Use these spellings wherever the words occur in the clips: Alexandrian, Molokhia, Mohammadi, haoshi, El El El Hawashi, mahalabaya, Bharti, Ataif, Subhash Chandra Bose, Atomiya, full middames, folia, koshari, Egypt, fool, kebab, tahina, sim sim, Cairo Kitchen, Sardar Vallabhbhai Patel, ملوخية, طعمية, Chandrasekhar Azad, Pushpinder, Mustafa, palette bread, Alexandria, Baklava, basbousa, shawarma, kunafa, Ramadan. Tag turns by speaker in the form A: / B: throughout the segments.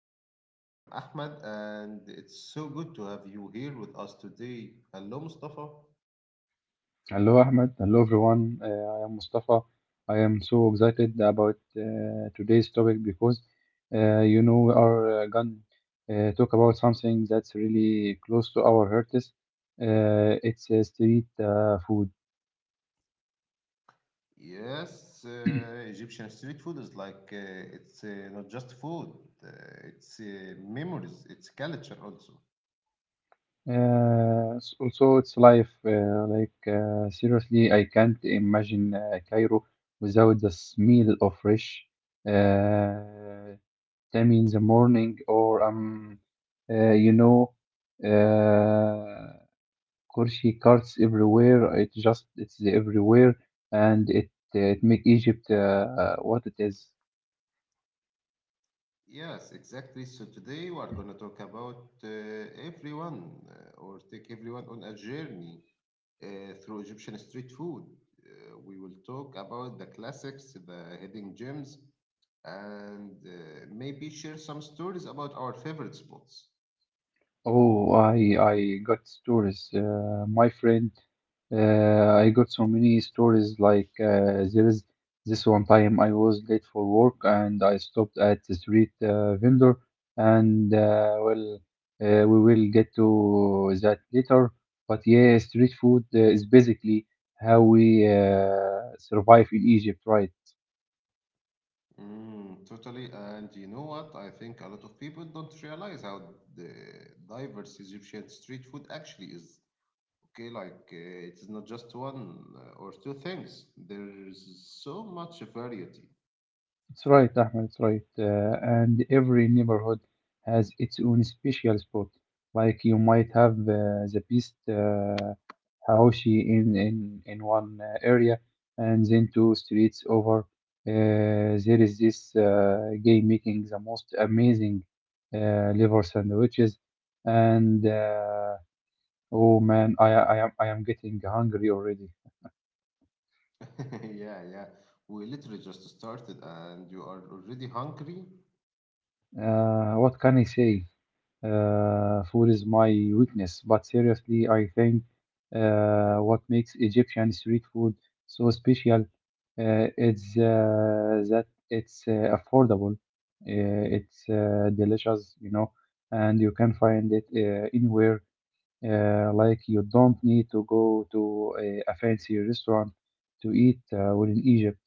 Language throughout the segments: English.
A: Kitchen. I am Ahmed and it's so good to have you here with us today. Hello Mustafa.
B: Hello, Ahmed. Hello, everyone. I am Mustafa. I am so excited about today's topic because, we are going to talk about something that's really close to our hearts. It's street food.
A: Yes, Egyptian street food is like it's not just food, uh, it's memories, it's culture also.
B: Also, it's life. Like, seriously, I can't imagine Cairo without the smell of fresh. Uh, Time in the morning or uh, you know uh Kurshi carts everywhere, it's everywhere, and it make Egypt what it is.
A: Yes, exactly. So today we are going to talk about everyone or take everyone on a journey through Egyptian street food. We will talk about the classics, the hidden gems, and maybe share some stories about our favorite spots.
B: Oh, I got stories, my friend. I got so many stories. Like there is this one time I was late for work, and I stopped at the street vendor, and well, we will get to that later. But yeah, street food is basically how we survive in Egypt, right?
A: Mm, totally. And you know what? I think a lot of people don't realize how the diverse Egyptian street food actually is. Okay, like it is not just one or two things. There's so much variety.
B: It's right, Ahmed, it's right. And every neighborhood has its own special spot. Like you might have the best haoshi in one area, and then two streets over, there is this guy making the most amazing liver sandwiches. And Oh man, I am getting hungry already.
A: Yeah, yeah. We literally just started, and you are already hungry.
B: What can I say? Food is my weakness, but seriously, I think what makes Egyptian street food so special is that it's affordable, it's delicious, and you can find it anywhere. Like you don't need to go to a fancy restaurant to eat within Egypt.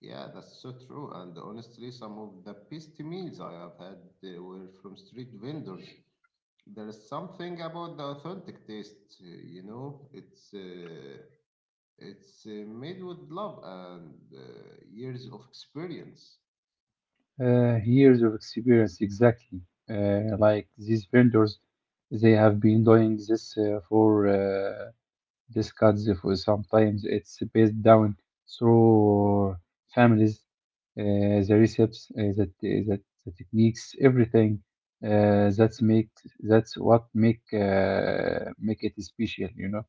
A: Yeah, that's so true. And honestly, some of the best meals I have had were from street vendors. There is something about the authentic taste, you know. It's made with love and years of experience.
B: Years of experience, exactly. Like these vendors, they have been doing this for decades, for sometimes it's passed down through families. The recipes, that that the techniques, everything. uh, that's make that's what make it special.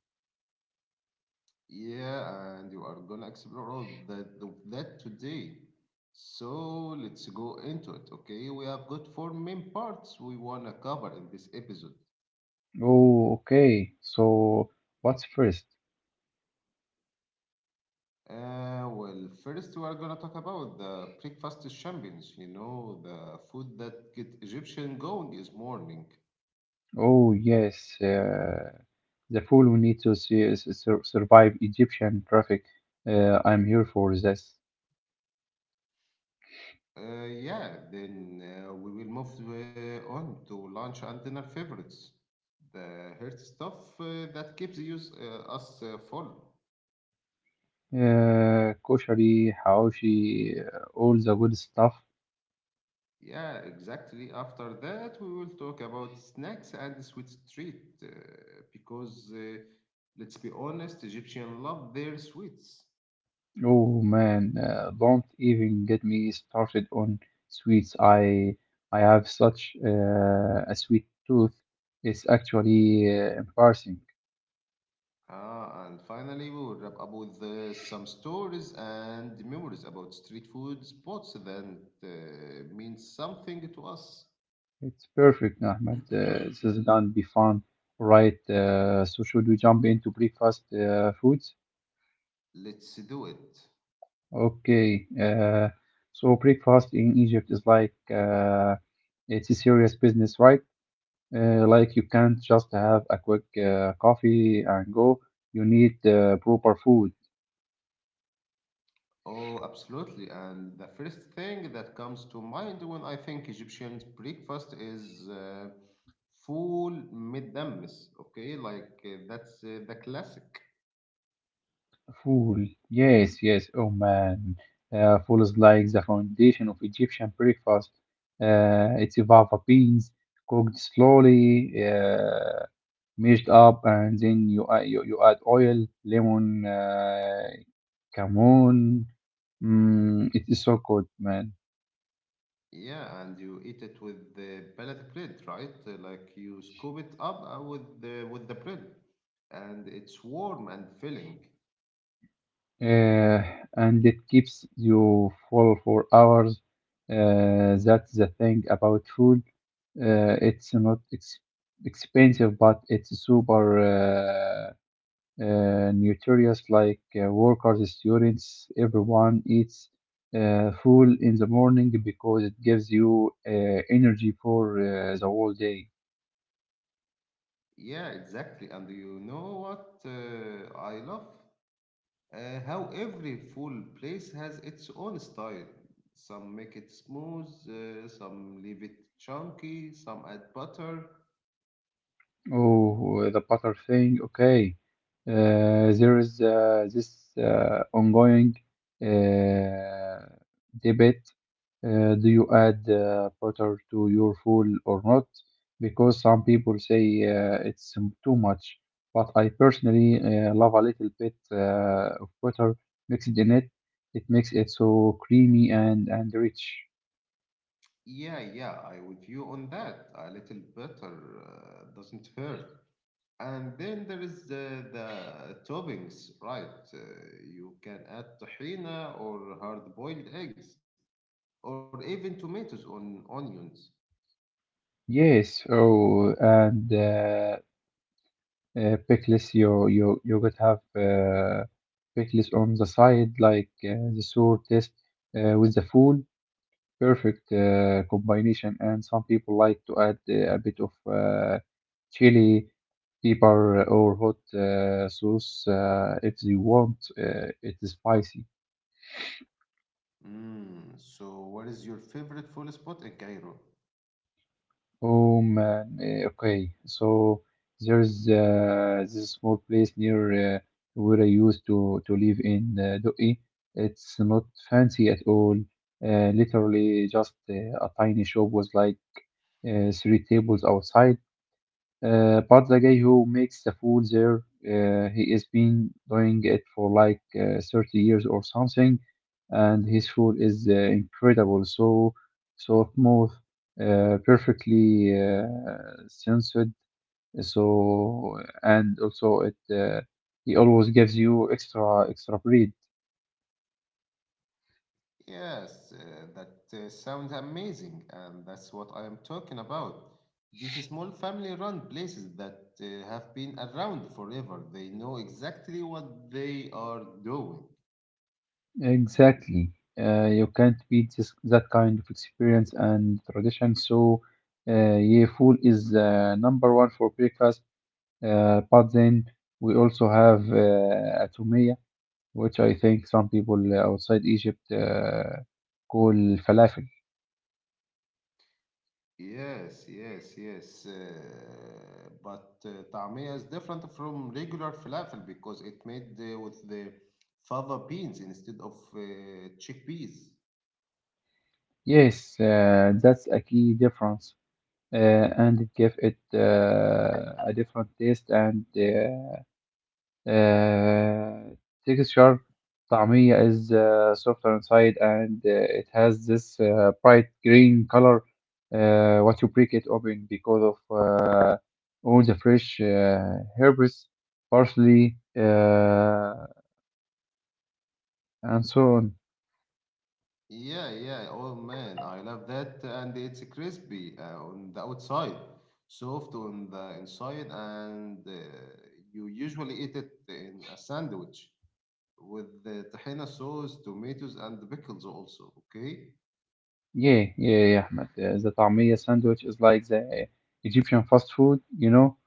A: Yeah, and you are gonna explore all that of that today. So let's go into it, okay? We have got four main parts we wanna cover in this episode.
B: Oh, okay, so what's first?
A: Well, first we are gonna talk about the breakfast champions. You know, the food that get Egyptian going is morning.
B: Oh, yes. The fool who needs to survive Egyptian traffic. I'm here for this.
A: Yeah, then we will move on to lunch and dinner favorites. The heart stuff that keeps us full.
B: Koshari, haoshi, all the good stuff.
A: Yeah, exactly. After that, we will talk about snacks and sweet treat because let's be honest, Egyptians love their sweets.
B: Oh man, don't even get me started on sweets. I have such a sweet tooth. It's actually embarrassing.
A: Ah, and finally, we will wrap up with some stories and memories about street food spots that mean something to us.
B: It's perfect, Ahmed. This is gonna be fun, right? So should we jump into breakfast foods?
A: Let's do it.
B: Okay. So breakfast in Egypt is like it's a serious business, right? Like you can't just have a quick coffee and go. You need proper food.
A: Oh, absolutely. And the first thing that comes to mind when I think Egyptian breakfast is full middames. Okay, like that's the classic.
B: Food. Yes, yes. Oh man. Food is like the foundation of Egyptian breakfast. It's fava beans cooked slowly. Mixed up, and then you add oil, lemon, cumin. Mm, it is so good, man.
A: Yeah, and you eat it with the pellet bread, right? Like you scoop it up with the bread, and it's warm and filling.
B: Uh, and it keeps you full for hours. That's the thing about food. It's not expensive, but it's super. Nutritious, like workers, students, everyone eats full in the morning because it gives you energy for the whole day.
A: Yeah, exactly. And you know what I love? How every food place has its own style. Some make it smooth, some leave it chunky, some add butter.
B: Oh, the butter thing. Okay. There is this ongoing uh, debate. Do you add butter to your food or not? Because some people say it's too much, but I personally love a little bit of butter mixed in it. It makes it so creamy and rich.
A: Yeah, yeah, I with you on that. A little butter doesn't hurt. And then there is the toppings, right? You can add tahina or hard-boiled eggs, or even tomatoes on onions.
B: Yes, oh, and pickles, you could have pickles on the side, like the sour taste with the food. Perfect combination. And some people like to add a bit of uh, chili pepper or hot sauce if they want it is spicy.
A: Mm, so, what is your favorite food spot in Cairo?
B: Oh man, okay. So there's this small place near where I used to live in Doi. It's not fancy at all. Literally just a tiny shop with like three tables outside. But the guy who makes the food there, he has been doing it for like 30 years or something, and his food is incredible. So soft, smooth, perfectly censored. So and also it He always gives you extra extra bread.
A: Yes, that sounds amazing, and that's what I am talking about. These small family-run places that have been around forever, they know exactly what they are doing.
B: Exactly. You can't beat that kind of experience and tradition. So, yeah, food is number one for breakfast. But then we also have Atomiya, which I think some people outside Egypt call falafel.
A: Yes, yes, yes. But طعمية is different from regular falafel because it made with the fava beans instead of chickpeas.
B: Yes, that's a key difference, uh, and it gives it a different taste and uh, texture. طعمية is softer inside, and it has this bright green color what you break it open because of all the fresh herbs, parsley, and so on.
A: Yeah, yeah. Oh man, I love that. And it's crispy on the outside, soft on the inside, and you usually eat it in a sandwich with the tahina sauce, tomatoes, and pickles also. Okay.
B: Yeah, yeah, yeah, Ahmed. The طعمية sandwich is like the Egyptian fast food.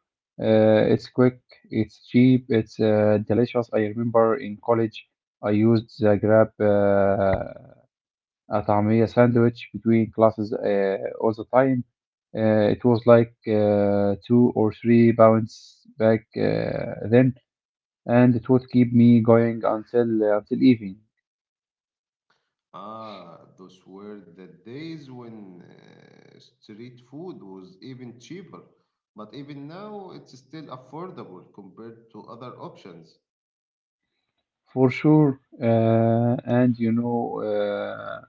B: It's quick, it's cheap, it's delicious. I remember in college, I used the Grab a طعمية sandwich between classes all the time. It was like 2 or 3 pounds back then, and it would keep me going until evening.
A: Ah, those were the days when street food was even cheaper, but even now it's still affordable compared to other options.
B: For sure. And you know.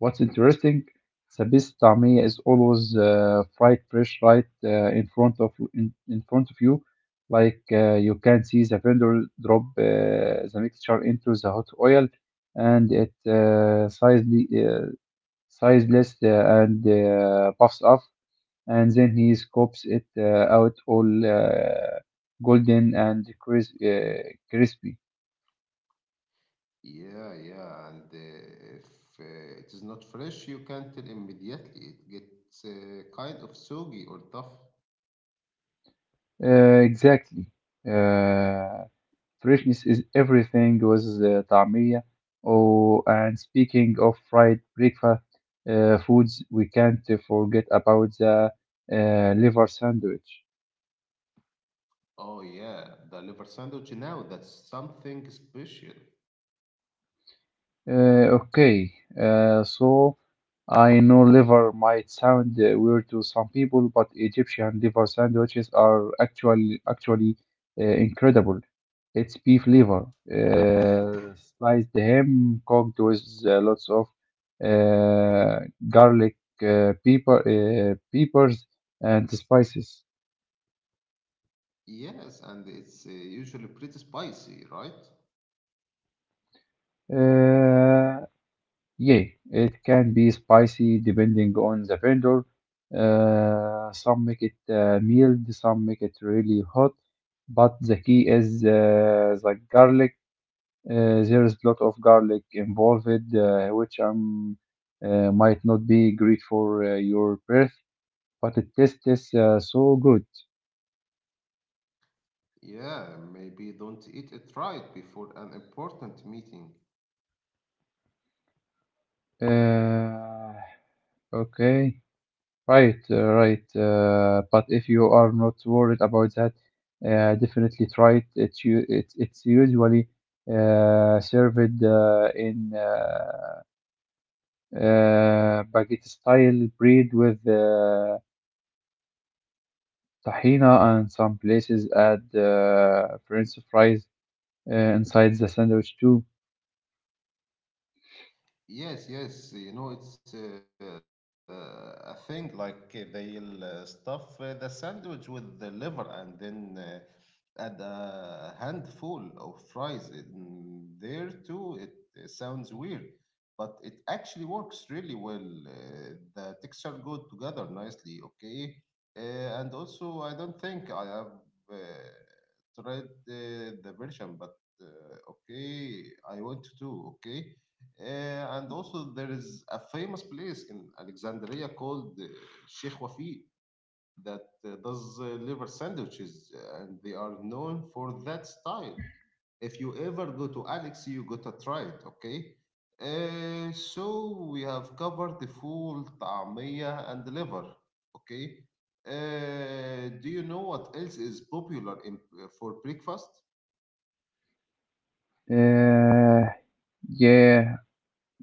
B: What's interesting, Sabis Tamia is always fried fresh right in front of in front of you. Like you can see the vendor drop the mixture into the hot oil, and it sizely, sizeless and puffs up, and then he scoops it out, all golden and crispy.
A: Yeah, yeah, and if it is not fresh, you can tell immediately. It gets kind of soggy or tough.
B: Exactly. Uh, Freshness is everything with the طعمية. Oh, and speaking of fried breakfast foods, we can't forget about the liver sandwich.
A: Oh, yeah, the liver sandwich now, that's something special.
B: Okay, so I know liver might sound weird to some people, but Egyptian liver sandwiches are actually incredible. It's beef liver, sliced ham, cooked with lots of uh, garlic, peppers, and spices.
A: Yes, and it's usually pretty spicy, right?
B: Uh, Yeah, it can be spicy depending on the vendor. Some make it mild, some make it really hot. But the key is the garlic. There is a lot of garlic involved, which might not be great for your breath, but it tastes so good.
A: Yeah, maybe don't eat it right before an important meeting.
B: Uh, okay. Right, right. But if you are not worried about that, definitely try it. It's you. It's usually served in baguette style bread with tahina, and some places add French fries inside the sandwich too.
A: Yes, yes, you know, it's a thing like they'll stuff the sandwich with the liver and then add a handful of fries in there too. It sounds weird, but it actually works really well. Uh, the texture go together nicely, okay? And also, I don't think I have uh, tried the version, but okay, I want to, okay? And also there is a famous place in Alexandria called Sheikh Wafi that does liver sandwiches, and they are known for that style. If you ever go to Alex, you gotta try it, okay? So we have covered the full طعمية and liver, okay? Do you know what else is popular in, for breakfast?
B: Uh, yeah,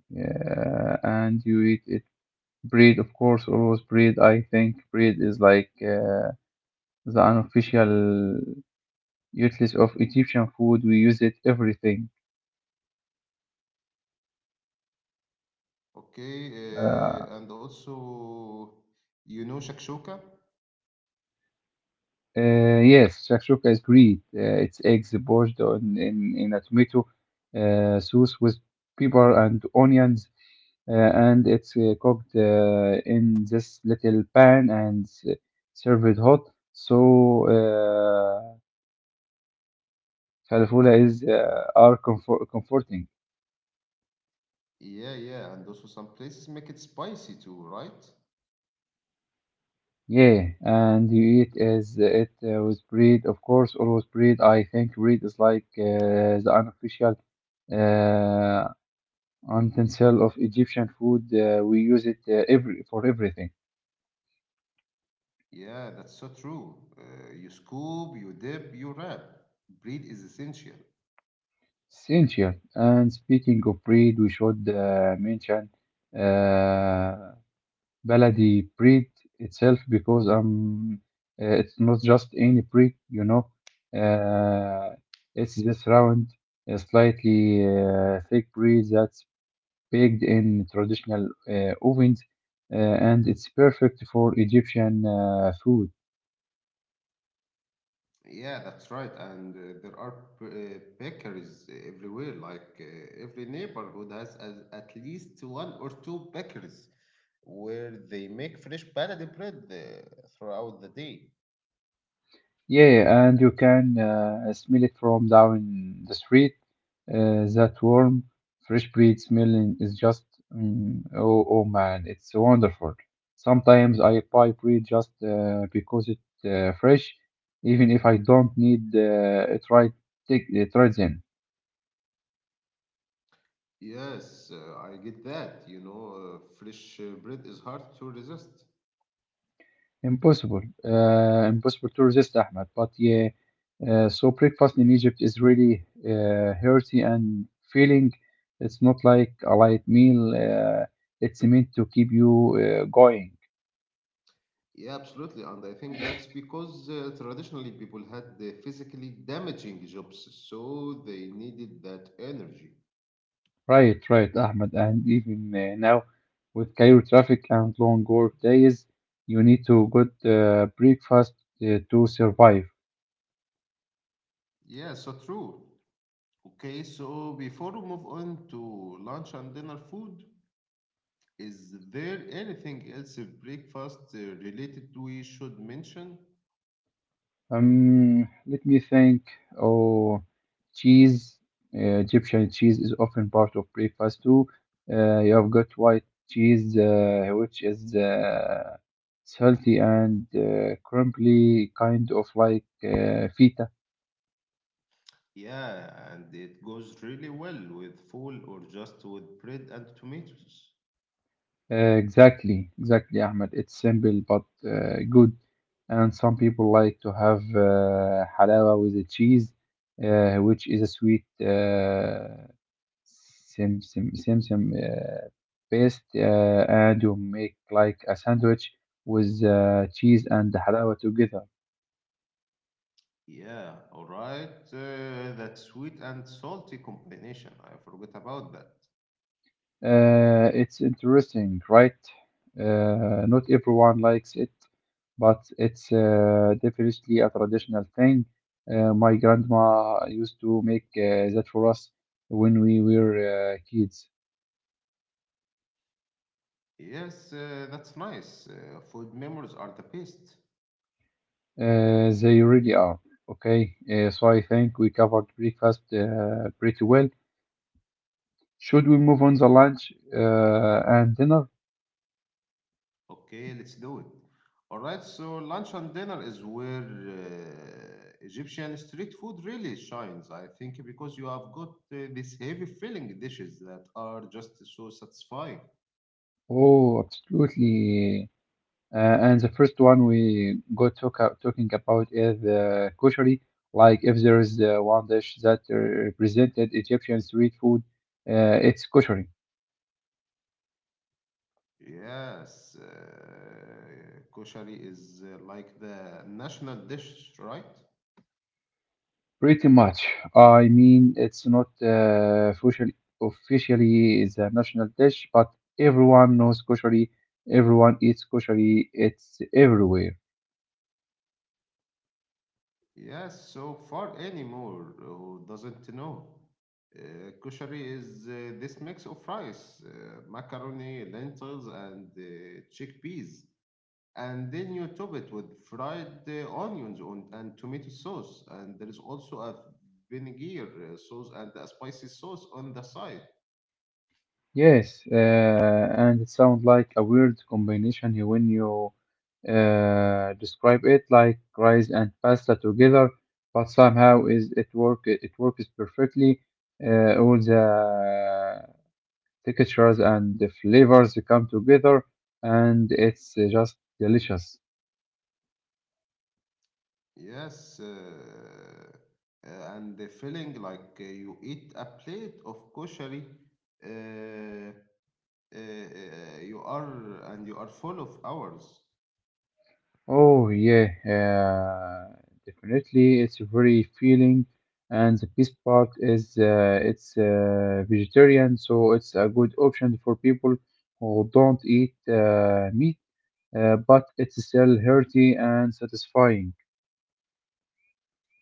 B: yeah. And you eat it bread, of course, always bread. I think bread is like. The unofficial useless of Egyptian food. We use it everything.
A: Okay,
B: Uh,
A: and also you know shakshuka?
B: yes, shakshuka is great. It's eggs poached in a tomato sauce with pepper and onions, and it's cooked in this little pan and served hot. Uh, Falafula is are comforting.
A: Yeah, yeah, and also some places make it spicy too, right?
B: Yeah, and you eat is it with bread, of course, always with bread. I think bread is like the unofficial uh, utensil of Egyptian food. We use it every for everything.
A: Yeah, that's so true. You scoop, you dip, you wrap. Bread is essential.
B: Essential. And speaking of bread, we should mention uh, Baladi breed itself because it's not just any breed. Uh, it's this round, slightly thick breed that's baked in traditional ovens, and it's perfect for Egyptian food.
A: Yeah, that's right. And there are bakeries everywhere. Like every neighborhood has as, at least one or two bakeries where they make fresh palette bread throughout the day.
B: Yeah, and you can smell it from down the street. That warm, fresh breeze smelling is just, mm, oh, oh man, it's wonderful. Sometimes I buy bread just because it's fresh, even if I don't need it right then.
A: Yes, I get that. You know, fresh bread is hard to resist.
B: Impossible. Impossible to resist, Ahmed. But yeah, so breakfast in Egypt is really healthy and feeling. It's not like a light meal. It's meant to keep you going.
A: Yeah, absolutely. And I think that's because traditionally people had the physically damaging jobs, so they needed that energy.
B: Right, right, Ahmed. And even now, with Cairo traffic and long work days, you need to good breakfast to survive.
A: Yeah, so true. Okay, so before we move on to lunch and dinner food, is there anything else breakfast related we should mention?
B: Let me think. Oh, cheese. Egyptian cheese is often part of breakfast too. You have got white cheese, which is salty and crumbly, kind of like feta.
A: Yeah, and it goes really well with full or just with bread and tomatoes.
B: Uh, exactly, exactly, Ahmed. It's simple but good. And some people like to have halawa with the cheese, which is a sweet sim sim sim sim. Paste, and you make like a sandwich with cheese and halawa together.
A: Yeah, all right. That sweet and salty combination. I forgot about that.
B: It's interesting, right? Not everyone likes it, but it's definitely a traditional thing. My grandma used to make that for us when we were kids.
A: Yes, that's nice. Food memories are the best.
B: They really are. Okay, so I think we covered breakfast pretty well. Should we move on the lunch and dinner?
A: Okay, let's do it. All right, so lunch and dinner is where Egyptian street food really shines, I think, because you have got these heavy filling dishes that are just so satisfying.
B: Oh, absolutely. And the first one we got talking about is koshari. Like, if there is one dish that represented Egyptian street food, it's koshari.
A: Yes, koshari is like the national dish, right?
B: Pretty much. I mean, it's not officially is a national dish, but everyone knows koshari. Everyone eats koshari. It's everywhere.
A: Yes, so far anymore who doesn't know. Kushari is this mix of rice, macaroni, lentils, and chickpeas. And then you top it with fried onions on, and tomato sauce. And there is also a vinegar sauce and a spicy sauce on the side.
B: Yes, and it sounds like a weird combination here when you describe it, like rice and pasta together, but somehow is it work it works perfectly. All the textures and the flavors come together, and it's just delicious.
A: Yes, and the feeling like you eat a plate of koshari. Uh, you are and you are full of hours.
B: Oh yeah, definitely. It's very feeling, and the best part is it's vegetarian, so it's a good option for people who don't eat meat, but it's still healthy and satisfying.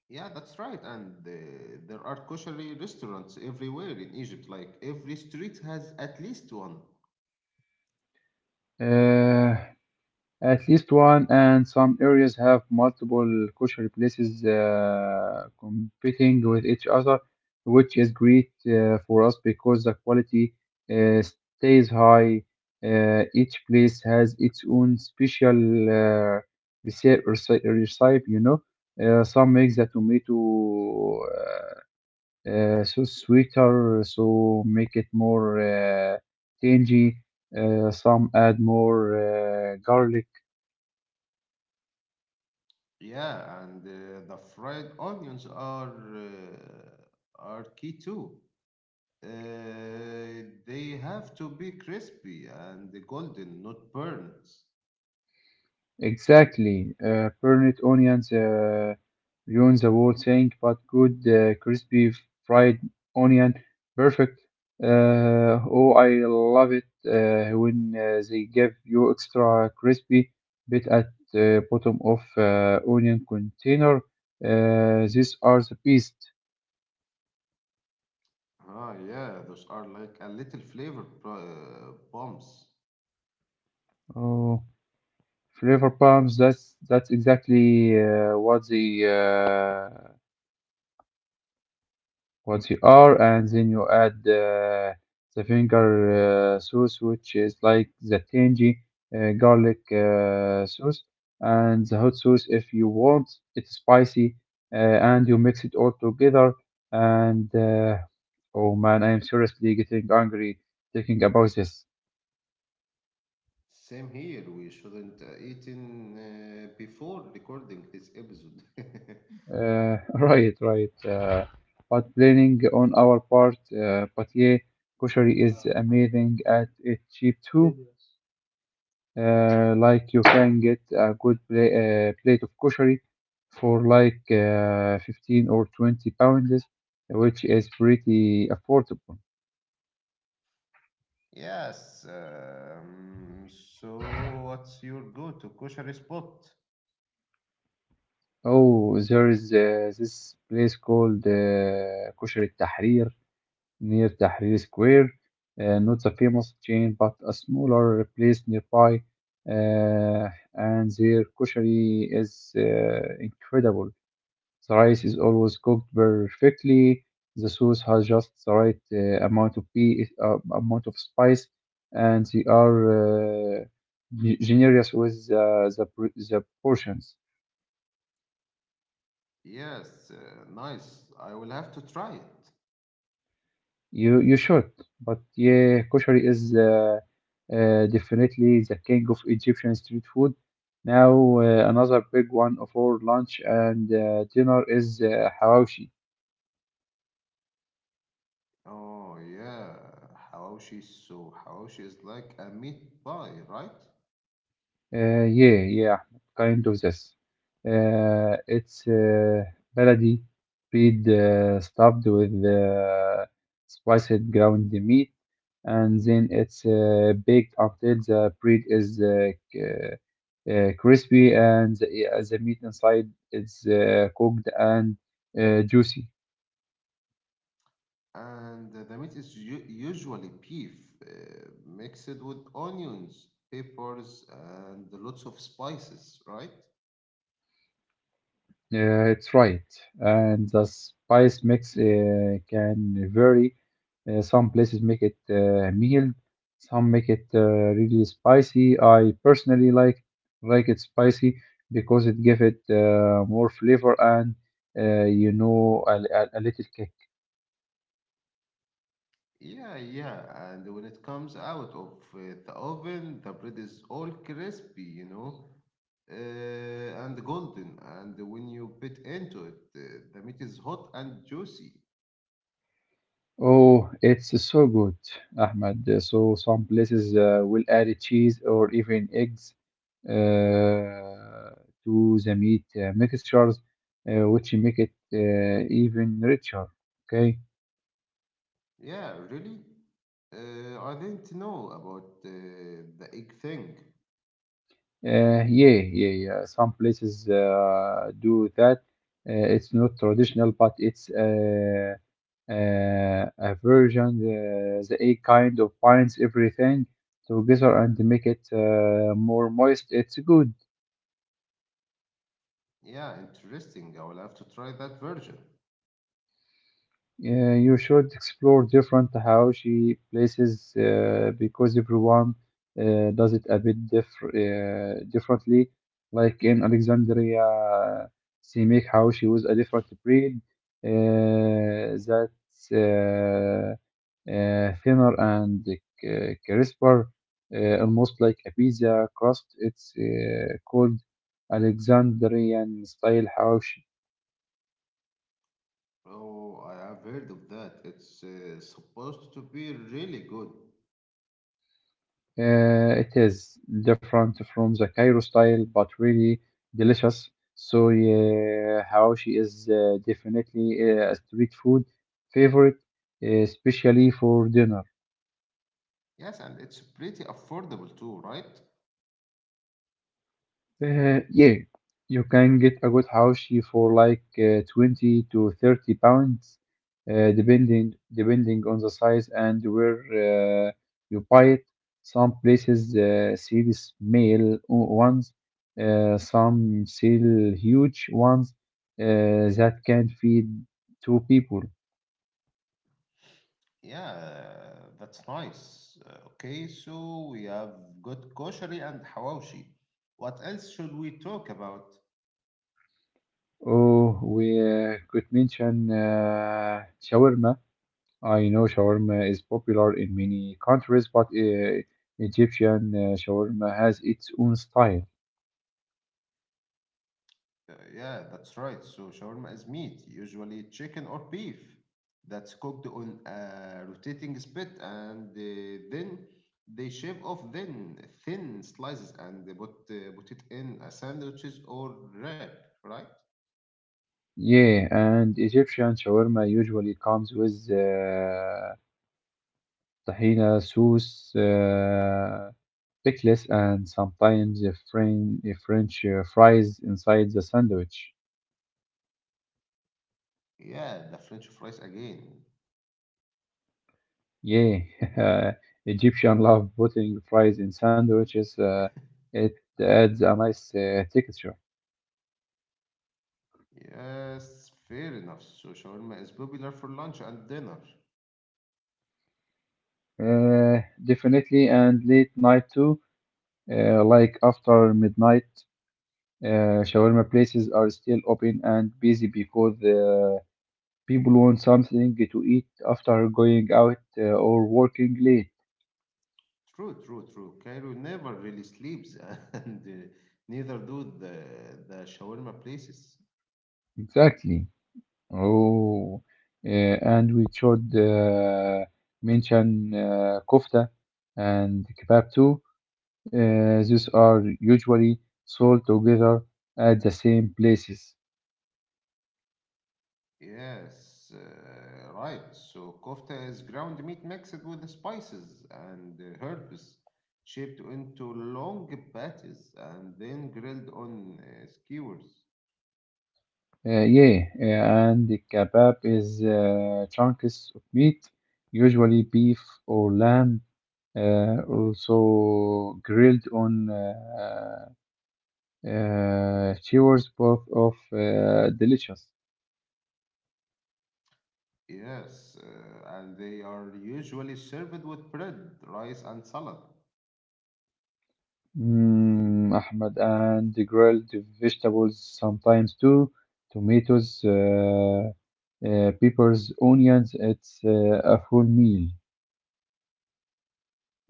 A: Yeah, that's right. And there are kosher restaurants everywhere in Egypt. Like every street has at least one.
B: Uh, At least one, and some areas have multiple kosher places competing with each other, which is great for us because the quality uh, stays high. Each place has its own special uh, recipe, you know. Some make the tomato so sweeter, so make it more tangy. Some add more garlic.
A: Yeah, and the fried onions are key too. They have to be crispy and golden, not burnt.
B: Exactly. Burnt onions ruin the whole thing, but good crispy fried onion, perfect. Oh, I love it when they give you extra crispy bit at the bottom of onion container. These are the best.
A: Ah, yeah, those are like a little flavor pro- bombs.
B: Oh, flavor bombs. That's exactly what they what you are, and then you add the finger sauce, which is like the tangy garlic sauce, and the hot sauce if you want it spicy, and you mix it all together. And oh man, I am seriously getting angry thinking about this.
A: Same here. We shouldn't eaten before recording this episode.
B: Right, right. But planning on our part, but yeah, Koshari is amazing at it cheap too. Like you can get a good plate of koshari for like 15 or 20 pounds, which is pretty affordable.
A: Yes. So, what's your go-to kosher spot?
B: Oh, there is this place called Koshari Tahrir near Tahrir Square. Not a famous chain, but a smaller place nearby. And their koshari is incredible. The rice is always cooked perfectly. The sauce has just the right amount of spice, and they are generous with the portions.
A: Yes. Nice. I will have to try it.
B: You should, but yeah, kosher is definitely the king of Egyptian street food. Now another big one for lunch and dinner is hawashi.
A: Oh yeah, hawashi. So hawashi is like a meat pie, right?
B: Yeah, kind of this. It's baladi bread stuffed with spiced ground meat, and then it's baked until the bread is crispy and the meat inside is cooked and juicy.
A: And the meat is usually beef, uh, mixed with onions, peppers, and lots of spices, right?
B: Yeah, it's right. And the spice mix can vary. Some places make it mild, some make it really spicy. I personally like it spicy because it gives it more flavor and you know a little kick.
A: Yeah, yeah. And when it comes out of the oven, the bread is all crispy, you know, and golden. And when you bit into it, the meat is hot and juicy.
B: Oh, it's so good, Ahmed. So some places will add cheese or even eggs uh, to the meat mixtures, which make it even richer. Okay.
A: Yeah, really? I didn't know about the egg thing.
B: Yeah. Some places do that. It's not traditional, but it's a version. The egg kind of binds everything together and make it more moist. It's good.
A: Yeah, interesting. I will have to try that version.
B: You should explore different Tahawishi places because everyone does it a bit differently. Like in Alexandria, they make Hawashi with a different breed that's thinner and crisper, almost like a pizza crust. It's called Alexandrian style Hawashi.
A: Oh, I have heard of that. It's supposed to be really good.
B: It is different from the Cairo style, but really delicious. So yeah, hawashi is definitely a street food favorite, especially for dinner.
A: Yes, and it's pretty affordable too, right?
B: Yeah, you can get a good haushi for like 20 to 30 pounds, depending on the size and where you buy it. Some places sell small ones, some sell huge ones that can feed two people.
A: Yeah, that's nice. Okay, so we have got koshari and hawashi. What else should we talk about?
B: Oh, we could mention shawarma. I know shawarma is popular in many countries, but Egyptian shawarma has its own style.
A: Yeah, that's right. So shawarma is meat, usually chicken or beef, that's cooked on a rotating spit, and then they shave off thin, thin slices and they put it in a sandwiches or wrap, right?
B: Yeah, and Egyptian shawarma usually comes with tahina sauce, pickles, and sometimes a French fries inside the sandwich.
A: Yeah, the French fries again.
B: Yeah, Egyptian love putting fries in sandwiches. It adds a nice texture.
A: Yes, fair enough. So shawarma is popular for lunch and dinner.
B: Definitely, and late night too. Like after midnight, shawarma places are still open and busy because people want something to eat after going out or working late.
A: True, true, true. Cairo never really sleeps, and neither do the shawarma places.
B: Exactly. Oh, and we should mention kofta and kebab too. These are usually sold together at the same places.
A: Yes, right. So kofta is ground meat mixed with spices and herbs, shaped into long patties and then grilled on skewers.
B: Yeah, and the kebab is chunks of meat, usually beef or lamb, also grilled on skewers, both of delicious.
A: Yes, and they are usually served with bread, rice, and salad.
B: Mm, Ahmed, and the grilled vegetables sometimes too, tomatoes, peppers, onions. It's a full meal.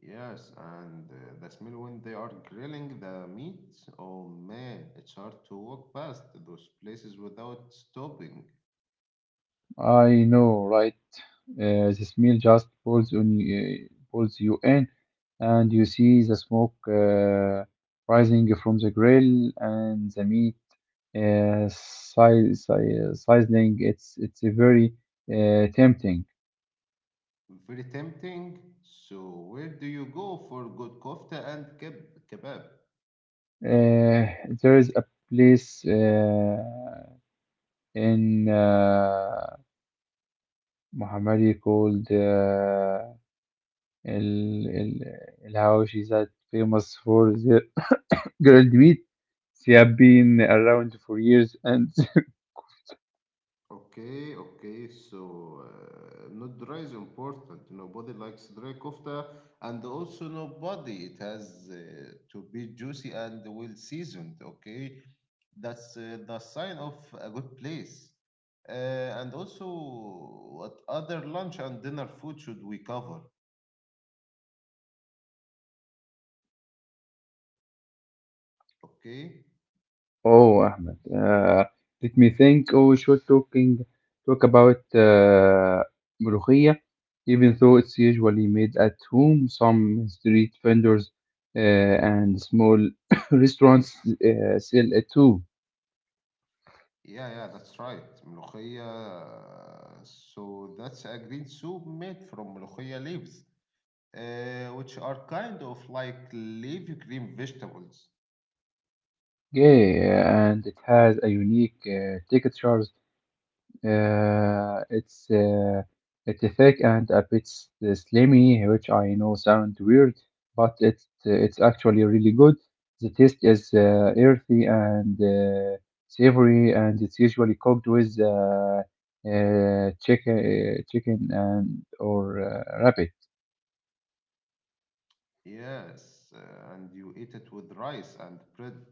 A: Yes, and the smell when they are grilling the meat. Oh man, it's hard to walk past those places without stopping.
B: I know, right? The smell just pulls you in, and you see the smoke rising from the grill and the meat uh, si- si- sizzling. It's a very tempting.
A: Very tempting. So where do you go for good kofta and kebab?
B: Uh, there is a place in Mohammadi called El El El Hawashi that famous for the graduate. She have been around for years and
A: Okay, okay. So, not dry is important. Nobody likes dry kofta, and also nobody. It has to be juicy and well seasoned. Okay, that's the sign of a good place. Uh, and also, what other lunch and dinner food should we cover? Okay.
B: oh Ahmed, let me think. Oh, we should talk about ملوخية, even though it's usually made at home. Some street vendors and small restaurants sell it too.
A: Yeah, yeah, that's right. Molokhia. So that's a green soup made from molokhia leaves. Which are kind of like leafy green vegetables.
B: Yeah, and it has a unique texture. It's it's thick and a bit slimy, which I know sound weird, but it's actually really good. The taste is earthy and savory, and it's usually cooked with chicken and or rabbit.
A: Yes, and you eat it with rice and bread.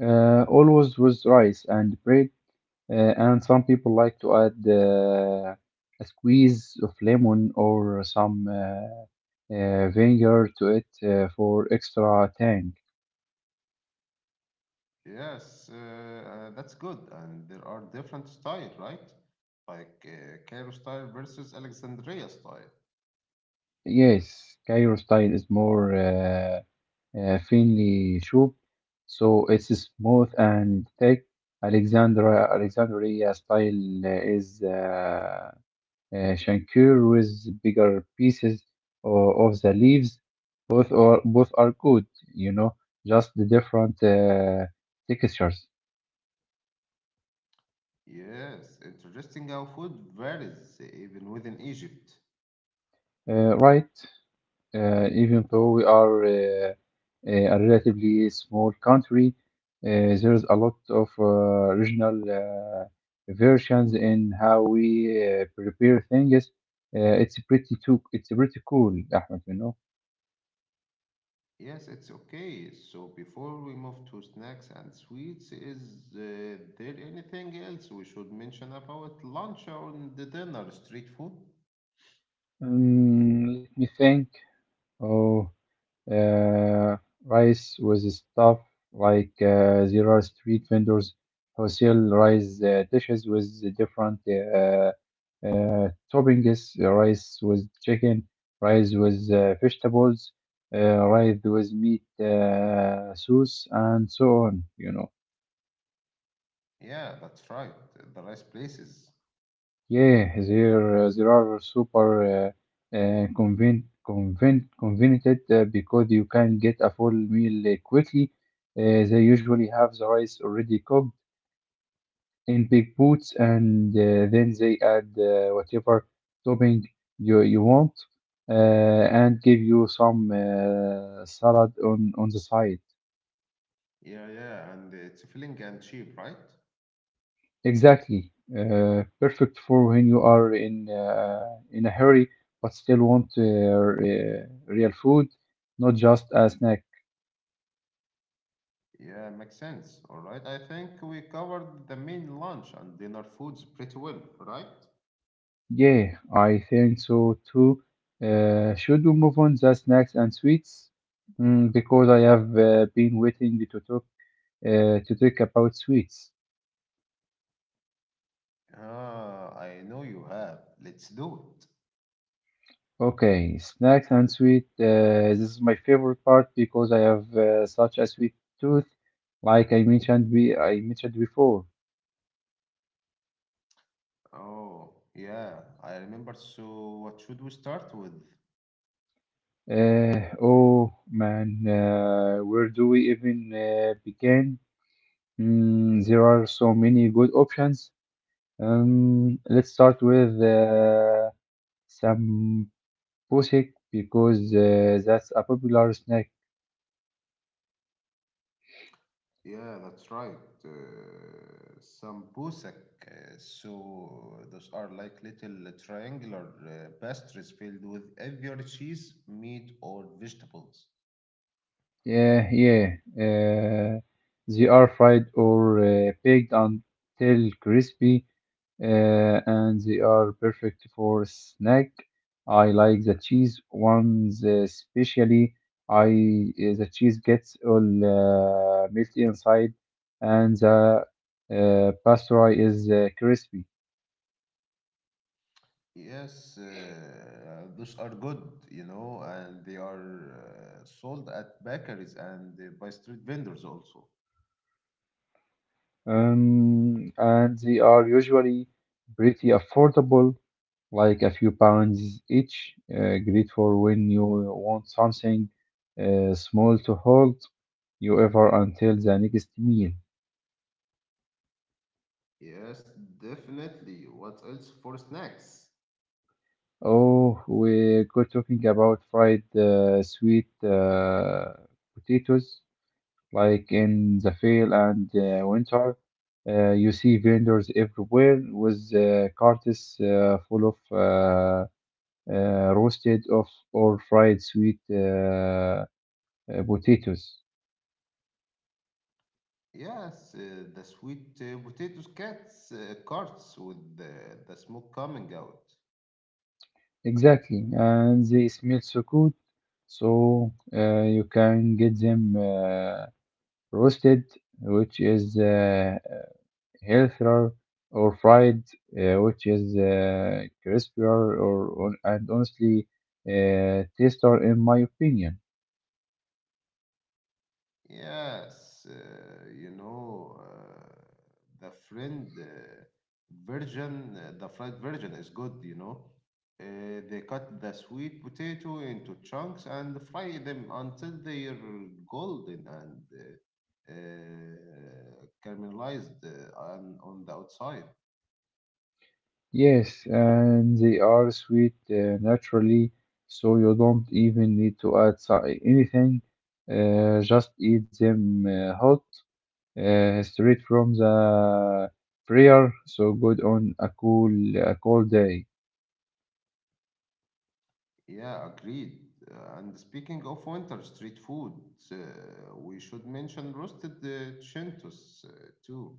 B: Always with rice and bread, and some people like to add a squeeze of lemon or some. Vinegar to it for extra tang.
A: Yes, that's good. And there are different style, right? Like Cairo style versus Alexandria style.
B: Yes, Cairo style is more thinly chopped, so it's smooth and thick. Alexandria style is shankir with bigger pieces of the leaves. Both are good, you know, just the different textures.
A: Yes, interesting how food varies even within Egypt.
B: Right? Even though we are a relatively small country, uh, there's a lot of regional versions in how we prepare things. It's pretty cool, Ahmed, you know.
A: Yes, it's okay. So before we move to snacks and sweets, is there anything else we should mention about lunch or the dinner? Street food?
B: Let me think. Oh. Uh, Rice with stuff like there are street vendors who sell rice dishes with different toppings, rice with chicken, rice with vegetables, rice with meat sauce, and so on, you know.
A: Yeah, that's right. The rice places.
B: There are super uh, convenient because you can get a full meal quickly. They usually have the rice already cooked in big pots, and then they add whatever topping you want, and give you some salad on the side.
A: Yeah, yeah, and it's filling and cheap, right?
B: Exactly. Perfect for when you are in a hurry but still want real food, not just a snack.
A: Yeah, makes sense. All right, I think we covered the main lunch and dinner foods pretty well, right?
B: Yeah, I think so too. Should we move on the snacks and sweets? Mm, because I have been waiting to talk about sweets.
A: Ah, I know you have. Let's do it.
B: Okay, snacks and sweet. This is my favorite part because I have such a sweet tooth, like I mentioned before.
A: Oh, yeah, I remember. So, what should we start with?
B: Oh man, where do we even begin? Mm, there are so many good options. Let's start with samosas because that's a popular snack.
A: Yeah, that's right. Uh, Sambusak. So those are like little triangular pastries filled with either cheese, meat, or vegetables.
B: Yeah, yeah. Uh, they are fried or baked until crispy, and they are perfect for snack. I like the cheese ones especially. I the cheese gets all melty inside, and the pastry is crispy.
A: Yes, those are good, you know, and they are sold at bakeries and by street vendors also.
B: And they are usually pretty affordable, like a few pounds each. Great for when you want something small to hold you over until the next meal.
A: Yes, definitely. What else for snacks?
B: Oh, we go talking about fried sweet potatoes, like in the fall and winter. You see vendors everywhere with carts full of roasted of or fried sweet potatoes.
A: Yes, the sweet potatoes cats carts with the smoke coming out.
B: Exactly, and they smell so good, so you can get them roasted, which is healthier or fried, which is crispier or and honestly tastier in my opinion.
A: Yes, the friend version, the fried version is good, you know. They cut the sweet potato into chunks and fry them until they're golden and uh, caramelized on the outside.
B: Yes, and they are sweet naturally, so you don't even need to add anything. Just eat them hot, straight from the fryer, so good on a cold day.
A: Yeah, agreed. And speaking of winter street food, uh, we should mention roasted chintos too.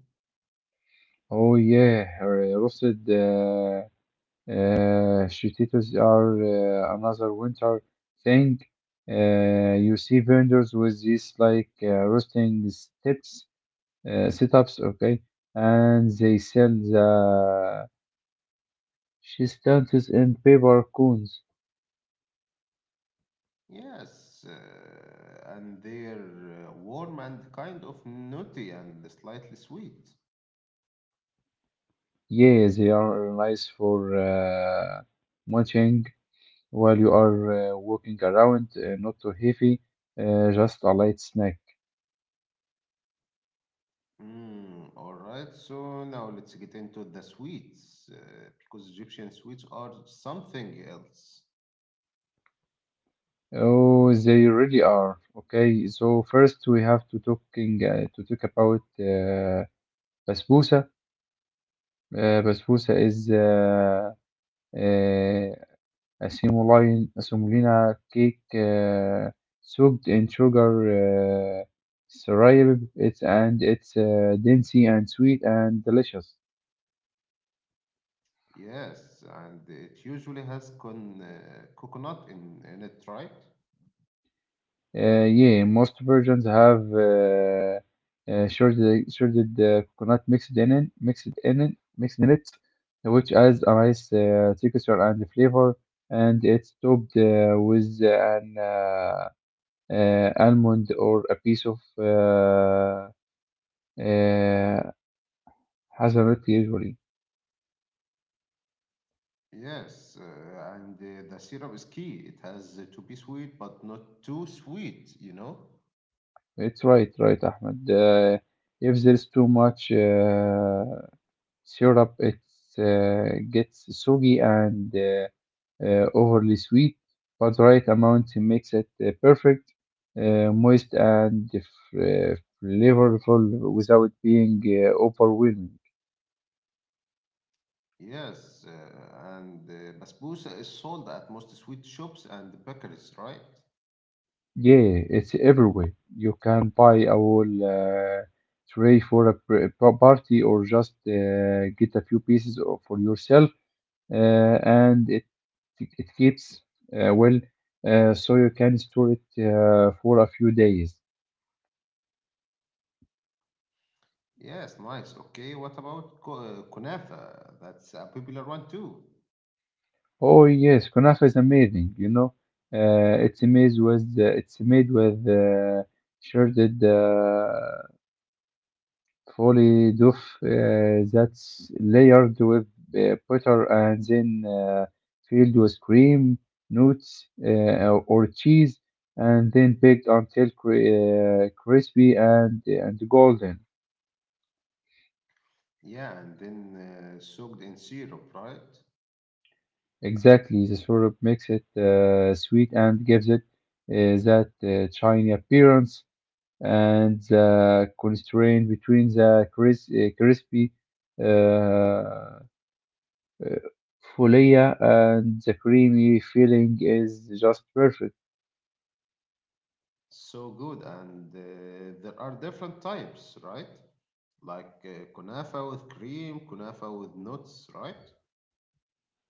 B: Oh yeah, roasted. Potatoes are another winter thing. You see vendors with these like roasting steps, setups, okay, and they sell the shistantas in paper cones.
A: Yes, and they're warm and kind of nutty and slightly sweet.
B: Yeah, they are nice for munching while you are walking around, not too heavy, just a light snack.
A: Mm, all right, so now let's get into the sweets because Egyptian sweets are something else.
B: Oh, they really are. Okay, so first we have to talk about basbousa. Basbousa is uh, a semolina cake soaked in sugar syrup. It's dainty and sweet and delicious.
A: Yes, and it usually has con coconut in it, right?
B: Yeah, most versions have shredded coconut mixed in it, which adds a nice texture and flavor. And it's topped with an almond or a piece of uh, hazelnut. Usually,
A: Yes, and the syrup is key. It has to be sweet, but not too sweet, you know?
B: it's right, right, Ahmed. If there's too much syrup, it gets soggy and overly sweet, but the right amount makes it perfect, moist and flavorful without being overwhelming.
A: Yes, and basbousa is sold at most sweet shops and bakeries, right?
B: Yeah, it's everywhere. You can buy a whole tray for a party or just get a few pieces for yourself, and it keeps well, so you can store it for a few days.
A: Yes, nice. Okay, what about kunafa? That's a popular one too.
B: Oh yes, kunafa is amazing. You know, it's made with shredded fully dough that's layered with butter and then filled with cream, nuts, or cheese, and then baked until crispy and golden.
A: Yeah, and then soaked in syrup, right?
B: Exactly, the syrup makes it sweet and gives it that shiny appearance, and the constraint between the crispy uh, uh, folia and the creamy filling is just perfect.
A: So good. And there are different types, right? Like kunafa with cream, kunafa with nuts, right?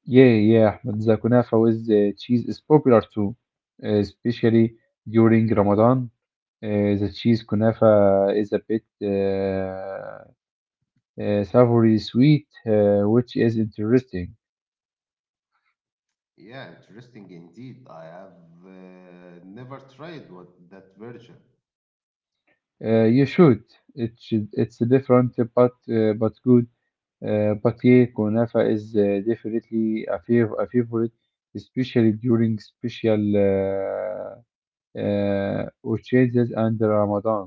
B: Yeah, yeah, Ahmed, the kunafa with the cheese is popular too, especially during Ramadan. Uh, the cheese kunafa is a bit savory sweet, which is interesting.
A: Yeah, interesting indeed. I have never tried what that version.
B: You should. It should. It's different, but good. Kunafa is definitely a, a favorite, especially during special uh, occasions and Ramadan.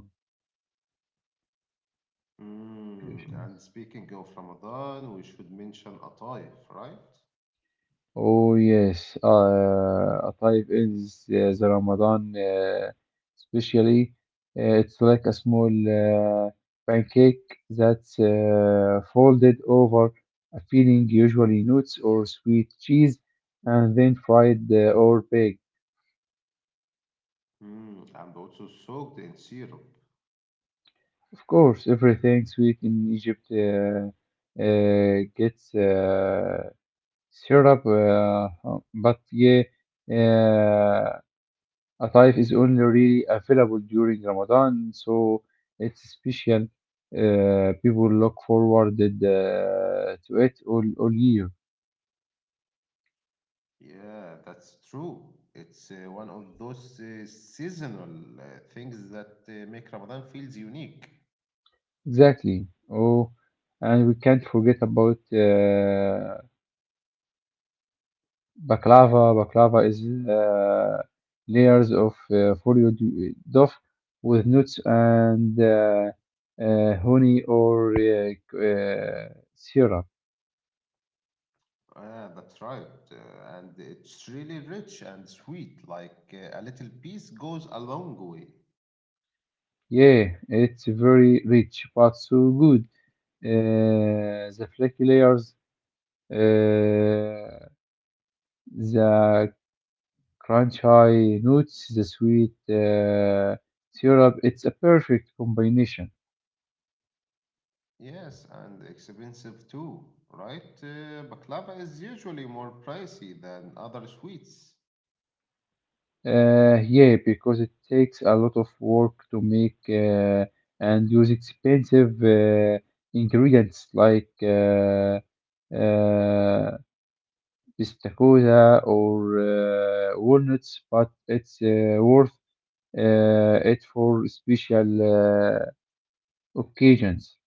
A: Mm, and
B: Patience.
A: speaking of Ramadan, we should mention Ataif, right?
B: Oh yes, a type is the Ramadan, especially it's like a small pancake that's folded over a filling, usually nuts or sweet cheese, and then fried or baked.
A: Mm, and also soaked in syrup.
B: Of course, everything sweet in Egypt gets syrup, but yeah, uh, a life is only really available during Ramadan, so it's special. People look forward to it all year.
A: Yeah, that's true. It's one of those seasonal things that make Ramadan feels unique.
B: Exactly. Oh, and we can't forget about baklava. Baklava is uh, layers of foliage dough with nuts and honey or syrup.
A: Ah, that's right. And it's really rich and sweet, like a little piece goes a long way.
B: Yeah, it's very rich but so good. The flaky layers, uh, the crunchy nuts, the sweet syrup. It's a perfect combination.
A: Yes, and expensive too, right? Baklava is usually more pricey than other sweets.
B: Yeah, because it takes a lot of work to make and use expensive ingredients like uh, pistachio or walnuts, but it's worth it for special occasions.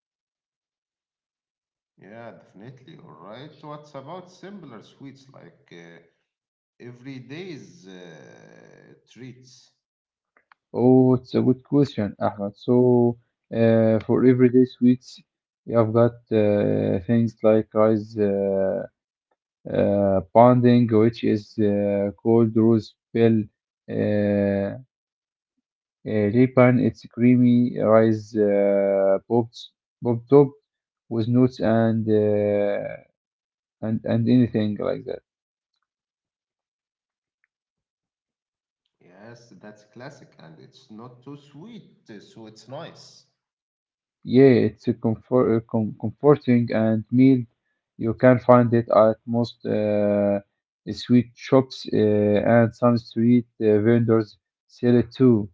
A: Yeah, definitely. All right. What about simpler sweets like everyday's treats?
B: Oh, it's a good question, Ahmed. So, for everyday sweets, you have got things like rice. Bonding, which is called rose bell uh, uh, ribbon. It's creamy rice popped up with nuts and and anything like that.
A: Yes, that's classic, and it's not too sweet, so it's nice.
B: Yeah, it's a comfort, comforting and meal. You can find it at most sweet shops and some street vendors sell it too.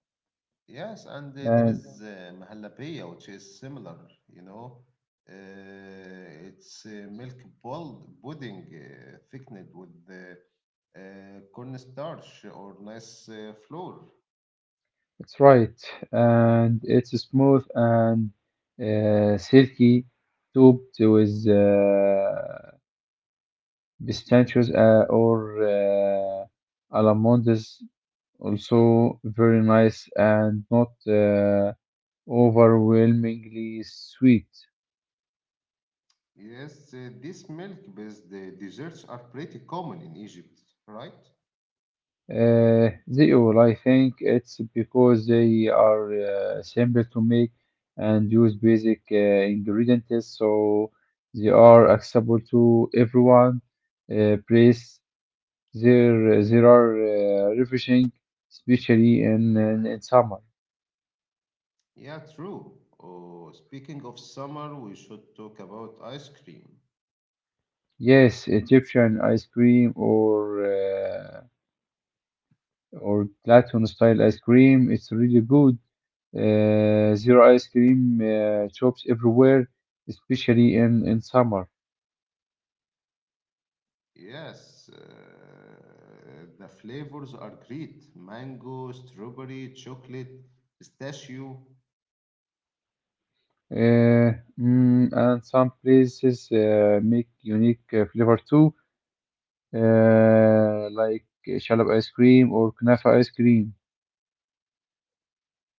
A: Yes, and there is
B: And
A: mahalabaya, which is similar. You know, it's milk bold pudding thickened with cornstarch or nice flour.
B: it's right, and it's smooth and silky, topped with pistachios or almonds. Also very nice and not overwhelmingly sweet.
A: Yes, these milk-based desserts are pretty common in Egypt, right?
B: They all, I think it's because they are simple to make and use basic ingredients, so they are accessible to everyone. Place there, there are refreshing, especially in summer.
A: Yeah, true. Oh, speaking of summer, we should talk about ice cream.
B: Yes, Egyptian ice cream or Latin style ice cream, it's really good. There are ice cream shops everywhere, especially in summer.
A: Yes, the flavors are great. Mango, strawberry, chocolate, pistachio.
B: Uh, mm, and some places make unique flavor too, like shalab ice cream or kunafa ice cream.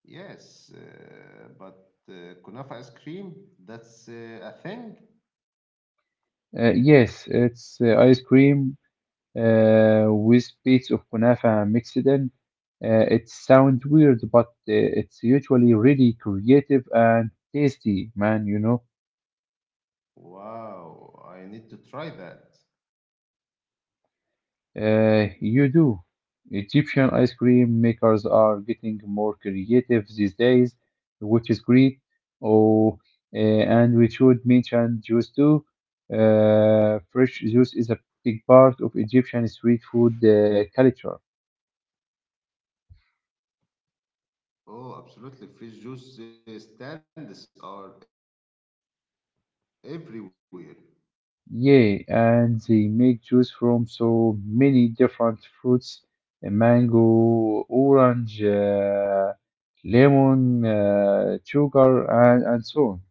A: Yes, but kunafa ice cream, that's a thing?
B: Yes, it's ice cream with bits of kunafa mixed in. It sounds weird, but it's usually really creative and tasty, man, you know.
A: Wow, I need to try that.
B: You do. Egyptian ice cream makers are getting more creative these days, which is great. Oh, and we should mention juice too. Fresh juice is a big part of Egyptian street food culture.
A: Oh, absolutely. Fresh juice stands are everywhere.
B: Yeah, and they make juice from so many different fruits, mango, orange, lemon, sugar, and so on.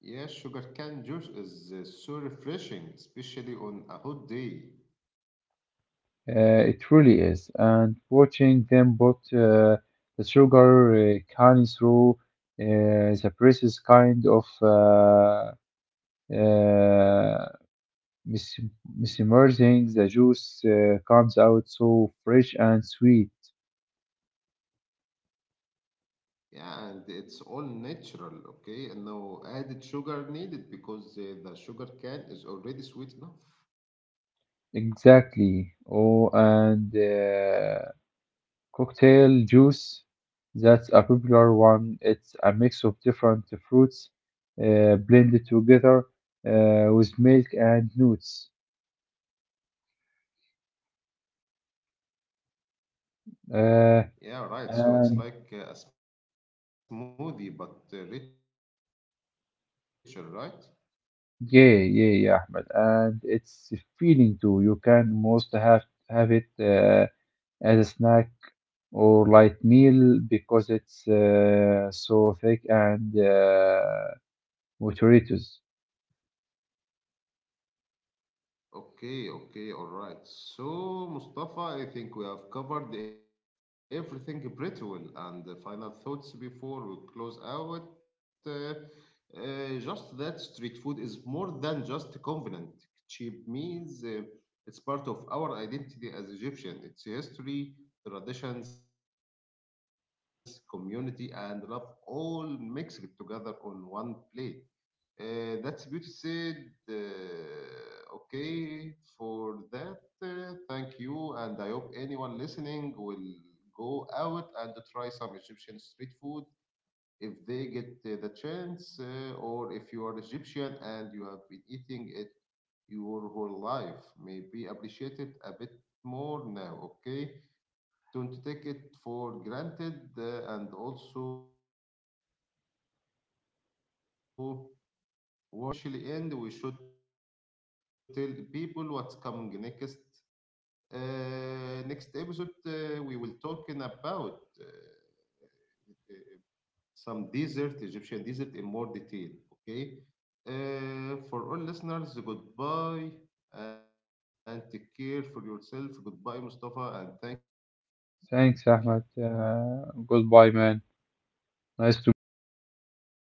A: Yeah, sugarcane juice is so refreshing, especially on a hot day.
B: It really is. And watching them put the sugar cane through the press is kind of uh, mis- mesmerizing. The juice comes out so fresh and sweet.
A: Yeah, and it's all natural, okay? And no added sugar needed because the sugar cane is already sweet enough.
B: Exactly. Oh, and cocktail juice. That's a popular one. It's a mix of different fruits blended together with milk and nuts.
A: Yeah, right.
B: Uh,
A: So it's like a
B: and
A: smoothie but richer, right?
B: Yeah, yeah, yeah, Ahmed. And it's a feeling too. You can most have it as a snack or light meal because it's so thick and nutritious.
A: Okay, okay, all right. So, Mustafa, I think we have covered everything pretty well. And the final thoughts before we close out just that street food is more than just convenient. Cheap means it's part of our identity as Egyptian. It's history, traditions, community, and love all mixed together on one plate. That's good said. Okay, for that, thank you. And I hope anyone listening will go out and try some Egyptian street food if they get the chance, or if you are Egyptian and you have been eating it your whole life. Maybe appreciate it a bit more now, okay? Don't take it for granted, and also words to live by. Okay. All right. So before we officially end, we should tell people what's coming next. Next episode, we will talking about uh, some desert, Egyptian desert, in more detail. Okay. For all listeners, goodbye and take care for yourself. Goodbye, Mustafa, and thank you.
B: Thanks, Ahmed. Goodbye, man. Nice to meet you.